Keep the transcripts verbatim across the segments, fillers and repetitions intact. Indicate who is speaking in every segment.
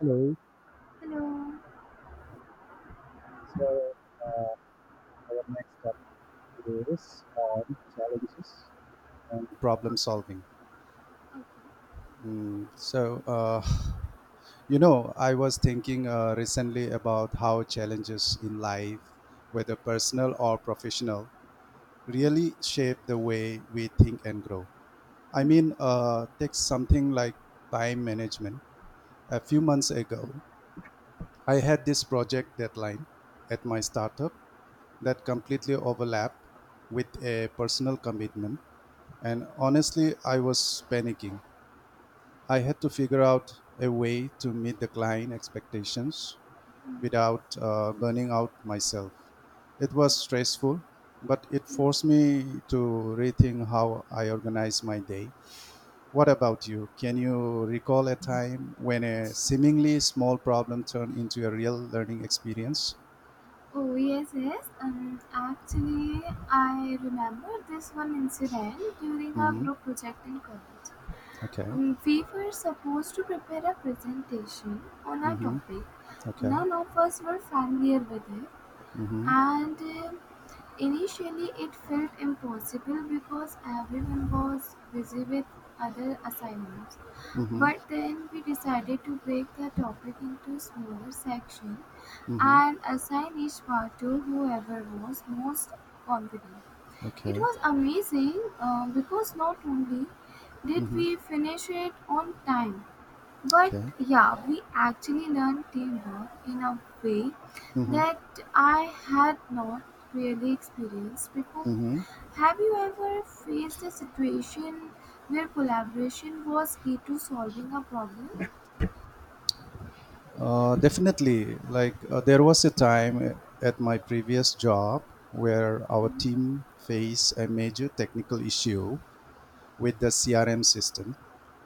Speaker 1: Hello.
Speaker 2: Hello.
Speaker 1: So, uh, our next topic is on challenges and problem
Speaker 2: Okay.
Speaker 1: solving.
Speaker 2: Okay.
Speaker 1: Mm, so, uh, you know, I was thinking uh, recently about how challenges in life, whether personal or professional,
Speaker 2: Yeah.
Speaker 1: really shape the way we think and grow. I
Speaker 2: Mm.
Speaker 1: mean, uh, take something like time management. A few months ago, I had this project deadline at my startup that completely overlapped with a personal commitment, and honestly, I was panicking. I had to figure out a way to meet the client expectations without uh, burning out myself. It was stressful, but it
Speaker 2: Mm.
Speaker 1: forced me to rethink how I organize my day. What about you? Can you recall a time when a seemingly small problem turned into a real learning experience?
Speaker 2: Oh yes, yes. Um, actually, I remember this one incident during our
Speaker 1: Hmm.
Speaker 2: group project in college.
Speaker 1: Okay.
Speaker 2: Um, we were supposed to prepare a presentation on a
Speaker 1: Hmm.
Speaker 2: topic.
Speaker 1: Okay.
Speaker 2: None of us were familiar with it,
Speaker 1: Hmm.
Speaker 2: and um initially it felt impossible because everyone was busy with other assignments.
Speaker 1: Hmm.
Speaker 2: But then we decided to break the topic into smaller sections
Speaker 1: Hmm.
Speaker 2: and assign each part to whoever was most confident. It
Speaker 1: Okay.
Speaker 2: was amazing, uh, because not only did
Speaker 1: Hmm.
Speaker 2: we finish it on time, but
Speaker 1: Okay.
Speaker 2: yeah, we actually learned teamwork in a way
Speaker 1: Hmm.
Speaker 2: that I had not really experienced before.
Speaker 1: Hmm.
Speaker 2: Have you ever faced a situation where collaboration was key to solving a problem?
Speaker 1: Uh, definitely. Like uh, there was a time at my previous job where our team faced a major technical issue with the C R M system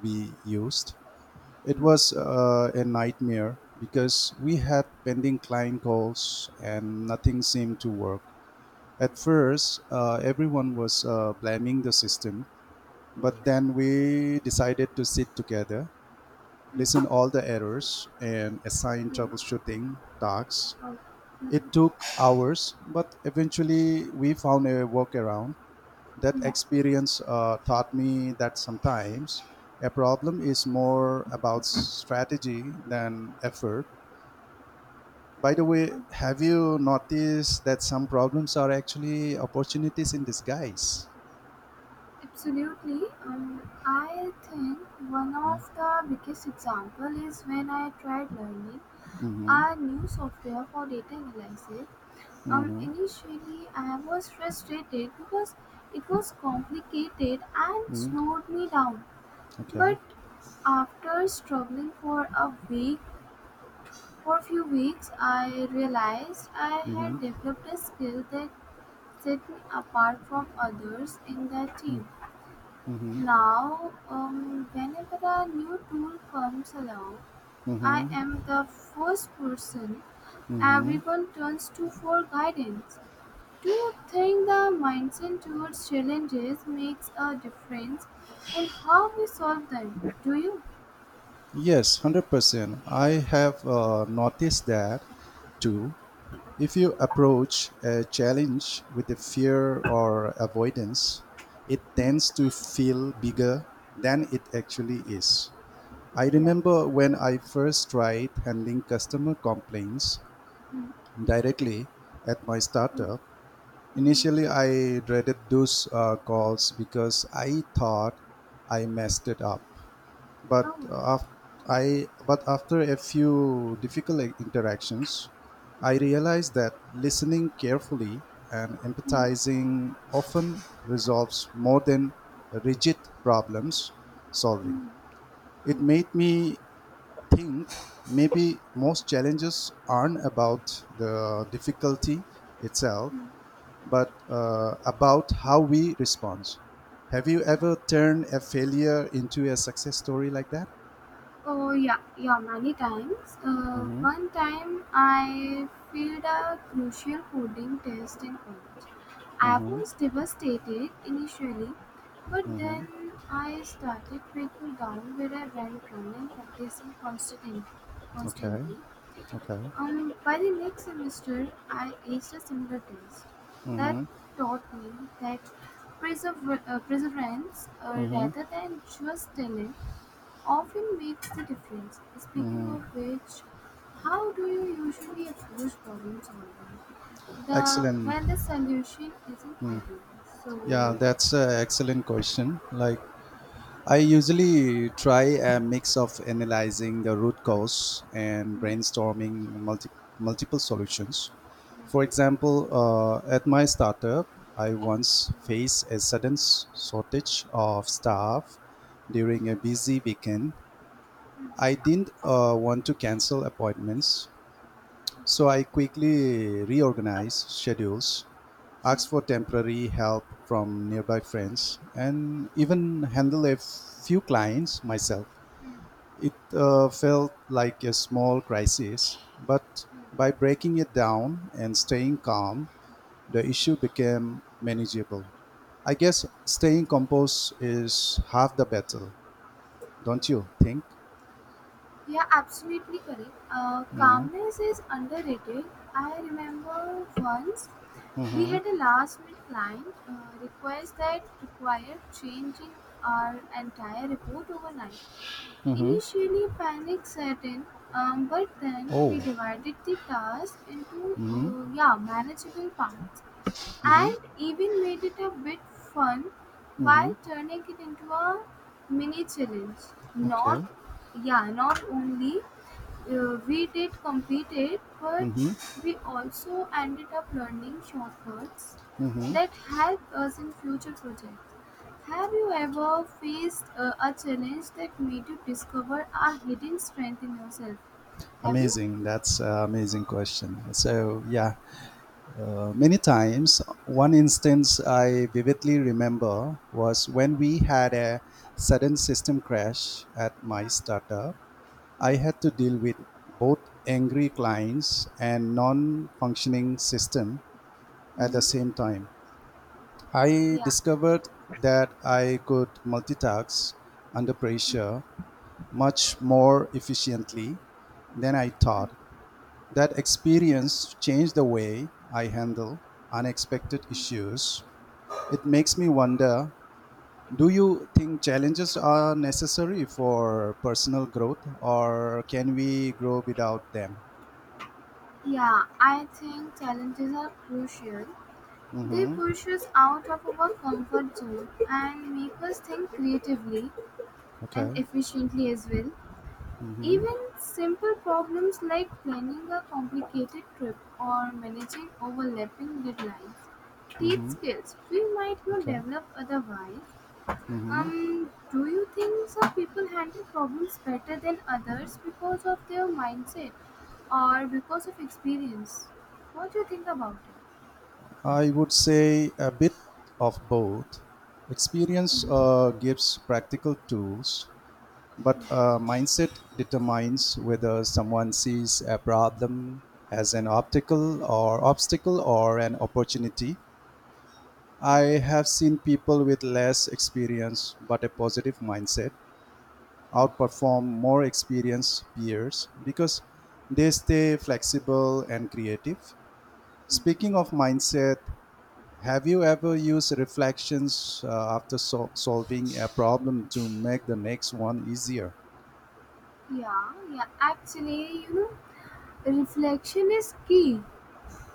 Speaker 1: we used. It was uh, a nightmare because we had pending client calls and nothing seemed to work. At first, uh, everyone was uh, blaming the system, but then we decided to sit together, listen all the errors, and assign troubleshooting tasks. It took hours, but eventually we found a workaround. That
Speaker 2: Mhm.
Speaker 1: experience uh, taught me that sometimes a problem is more about strategy than effort. By the way, have you noticed that some problems are actually opportunities in disguise?
Speaker 2: Absolutely. Um, I think one of the biggest example is when I tried learning
Speaker 1: Mm-hmm.
Speaker 2: a new software for data analysis. Um,
Speaker 1: Mm-hmm.
Speaker 2: initially, I was frustrated because it was complicated and
Speaker 1: mm
Speaker 2: slowed me down.
Speaker 1: Okay.
Speaker 2: But after struggling for a week for a few weeks, I realized I had developed a skill that set me apart from others in that team. Now, um, whenever a new tool comes along, I
Speaker 1: Mm-hmm.
Speaker 2: am the first person everyone turns to for guidance. Do you think the mindset towards challenges makes a difference in how we solve them? Do you?
Speaker 1: Yes, one hundred percent. I have uh, noticed that too. If you approach a challenge with a fear or avoidance, it tends to feel bigger than it actually is. I remember when I first tried handling customer complaints directly at my
Speaker 2: Mm,
Speaker 1: startup.
Speaker 2: mm,
Speaker 1: Initially, I dreaded those uh, calls because I thought I messed it up, but
Speaker 2: oh,
Speaker 1: uh, af- I but after a few difficult i- interactions, I realized that listening carefully and empathizing often resolves more than rigid problems solving. It made me think maybe most challenges aren't about the difficulty itself,
Speaker 2: mm.
Speaker 1: but uh, about how we respond. Have you ever turned a failure into a success story like that?
Speaker 2: Oh yeah, yeah, many times. Uh, one time I failed a crucial coding test in college. I
Speaker 1: Mhm.
Speaker 2: was devastated initially, but
Speaker 1: Mhm.
Speaker 2: then I started breaking down where I went wrong and practicing constantly.
Speaker 1: Okay.
Speaker 2: constantly.
Speaker 1: Okay.
Speaker 2: And by the next semester, I aced a similar test. That
Speaker 1: Mm-hmm.
Speaker 2: taught me that persever- uh, perseverance, uh,
Speaker 1: Mm-hmm.
Speaker 2: rather than just talent, often makes the difference. Speaking
Speaker 1: Mm.
Speaker 2: of which, how do you usually approach problem solving? The
Speaker 1: Excellent.
Speaker 2: When the solution isn't obvious. So
Speaker 1: Yeah, that's an excellent question. Like, I usually try a mix of analyzing the root cause and
Speaker 2: mm,
Speaker 1: brainstorming multi- multiple solutions. For example, uh, at my startup, I once faced a sudden s- shortage of staff during a busy weekend. I didn't uh, want to cancel appointments, so I quickly reorganized schedules, asked for temporary help from nearby friends, and even handled a few clients myself. It uh, felt like a small crisis, but by breaking it down and staying calm, the issue became manageable. I guess staying composed is half the battle, don't you think?
Speaker 2: yeah, absolutely correct. Uh, calmness is underrated. I remember once we had a last minute client uh, request that required changing our entire report overnight.
Speaker 1: Mm-hmm.
Speaker 2: Initially, panic set in, um, but then we
Speaker 1: Oh.
Speaker 2: divided the task into, uh, yeah, manageable parts and even made it a bit fun
Speaker 1: Mm-hmm.
Speaker 2: by turning it into a mini challenge.
Speaker 1: Okay.
Speaker 2: Not yeah not only uh, we did complete it, but
Speaker 1: Mm-hmm.
Speaker 2: we also ended up learning shortcuts
Speaker 1: Mm-hmm.
Speaker 2: that help us in future projects. Have you ever faced, uh, a challenge that made you discover a hidden strength in yourself? Have you?
Speaker 1: Amazing. That's an amazing question. So, yeah, uh, many times, one instance I vividly remember was when we had a sudden system crash at my
Speaker 2: Yeah.
Speaker 1: startup.
Speaker 2: Oh.
Speaker 1: I had to deal with both angry clients and non functioning system at the
Speaker 2: Mm.
Speaker 1: same time. I
Speaker 2: Yeah.
Speaker 1: discovered that I could multitask under
Speaker 2: Mm.
Speaker 1: pressure much more efficiently than I
Speaker 2: Mm.
Speaker 1: thought. That
Speaker 2: Yeah.
Speaker 1: experience changed the way I handle unexpected issues. It makes me wonder, do you think challenges are necessary for personal growth or can we grow without them?
Speaker 2: Yeah, I think challenges are crucial. They
Speaker 1: Mm-hmm.
Speaker 2: push us out of our comfort zone and make us think creatively and
Speaker 1: Okay.
Speaker 2: efficiently as well.
Speaker 1: Mm-hmm.
Speaker 2: Even simple problems like planning a complicated trip or managing overlapping deadlines teach
Speaker 1: Mm-hmm.
Speaker 2: skills we might not
Speaker 1: Okay.
Speaker 2: develop otherwise. Um, do you think some people handle problems better than others because of their mindset or because of experience? What do you think about it?
Speaker 1: I would say a bit of both. Experience uh, gives practical tools, but uh, mindset determines whether someone sees a problem as an optical or obstacle or an opportunity. I have seen people with less experience but a positive mindset outperform more experienced peers because they stay flexible and creative. Speaking of mindset, have you ever used reflections uh, after sol- solving a problem to make the next one easier?
Speaker 2: Yeah, yeah, actually, you know, reflection is key.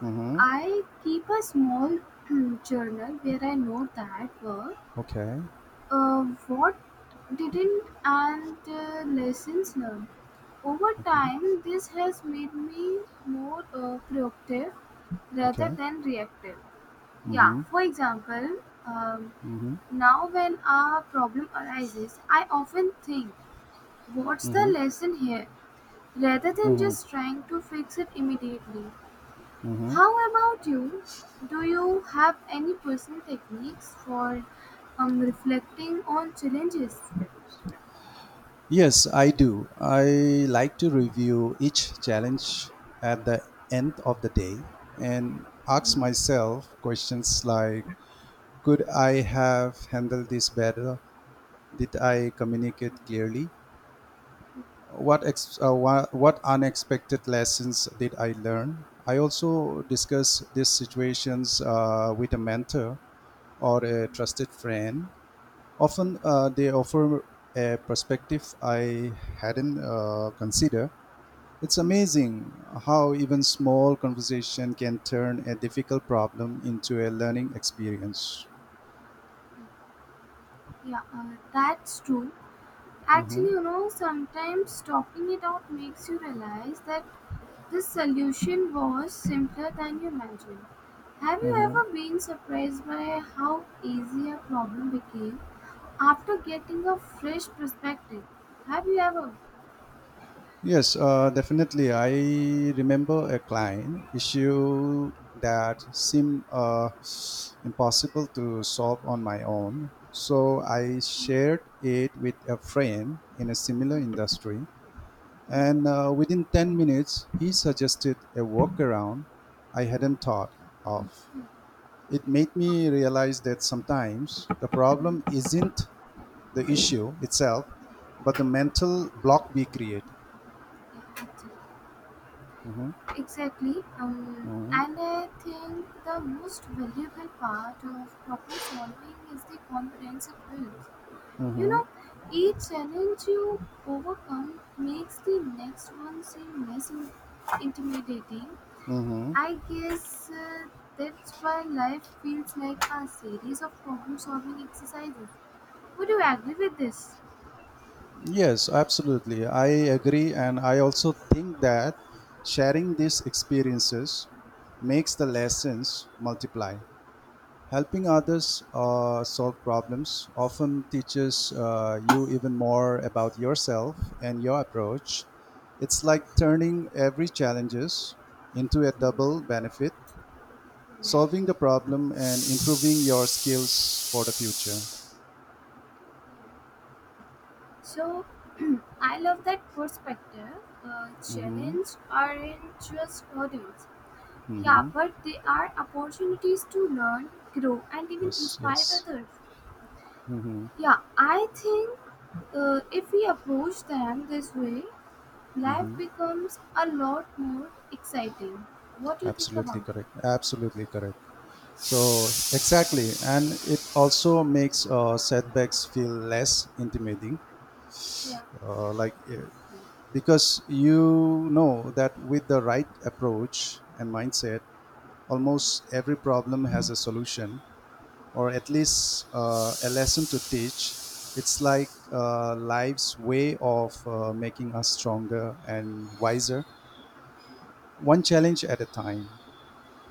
Speaker 1: Mm-hmm.
Speaker 2: I keep a small journal where I note that work,
Speaker 1: Okay.
Speaker 2: uh, what didn't, and uh, lessons learned. Over time, this has made me more, uh, proactive rather
Speaker 1: Okay.
Speaker 2: than reactive. Yeah,
Speaker 1: Mm-hmm.
Speaker 2: for example, um,
Speaker 1: Mm-hmm.
Speaker 2: now when a problem arises, I often think, what's the lesson here, rather than
Speaker 1: Hmm.
Speaker 2: just trying to fix it immediately. How about you? Do you have any personal techniques for, um, reflecting on challenges?
Speaker 1: Yes, I do. I like to review each challenge at the end of the day and ask myself questions like, could I have handled this better? Did I communicate clearly? What, ex- uh, what, what unexpected lessons did I learn? I also discuss these situations uh, with a mentor or a trusted friend. Often uh, they offer a perspective I hadn't uh, considered. It's amazing how even small conversation can turn a difficult problem into a learning experience.
Speaker 2: Yeah, uh, that's true.
Speaker 1: Hmm.
Speaker 2: Actually, you know, sometimes talking it out makes you realize that the solution was simpler than you imagined. Have you
Speaker 1: Hmm.
Speaker 2: ever been surprised by how easy a problem became after getting a fresh perspective? Have you ever?
Speaker 1: Yes, uh, definitely. I remember a client issue that seemed uh, impossible to solve on my own. So I shared it with a friend in a similar industry. And uh, within ten minutes, he suggested a workaround I hadn't thought of. It made me realize that sometimes the problem isn't the issue itself, but the mental block we create.
Speaker 2: Yeah, actually,
Speaker 1: Mhm.
Speaker 2: exactly. Um, and I think the most valuable part of problem solving is the confidence it builds. You know, each challenge you overcome makes the next one seem less in- intimidating.
Speaker 1: Mm-hmm.
Speaker 2: I guess uh, that's why life feels like a series of problem solving exercises. Would you agree with this?
Speaker 1: Yes, absolutely. I agree. And I also think that sharing these experiences makes the lessons multiply. Helping others uh, solve problems often teaches uh, you even more about yourself and your approach. It's like turning every challenges into a double benefit, solving the problem and improving your skills for the future.
Speaker 2: So, I love that perspective. Uh,
Speaker 1: Mm-hmm.
Speaker 2: challenge aren't just hurdles. Yeah,
Speaker 1: Mm-hmm.
Speaker 2: but they are opportunities to learn, grow, and even
Speaker 1: Yes.
Speaker 2: inspire
Speaker 1: Yes.
Speaker 2: others.
Speaker 1: Mm-hmm.
Speaker 2: Yeah, I think uh, if we approach them this way, life
Speaker 1: Mm-hmm.
Speaker 2: becomes a lot more exciting. What do you think about
Speaker 1: Absolutely
Speaker 2: it?
Speaker 1: correct. Absolutely correct. So exactly, and it also makes uh, setbacks feel less intimidating.
Speaker 2: Yeah,
Speaker 1: Uh, like uh, because you know that with the right approach and mindset almost every problem has a solution, or at least uh, a lesson to teach. It's like uh, life's way of uh, making us stronger and wiser,
Speaker 2: yeah,
Speaker 1: one challenge at a time.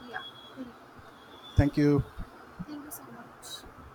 Speaker 2: yeah, correct.
Speaker 1: Thank you.
Speaker 2: Thank you so much.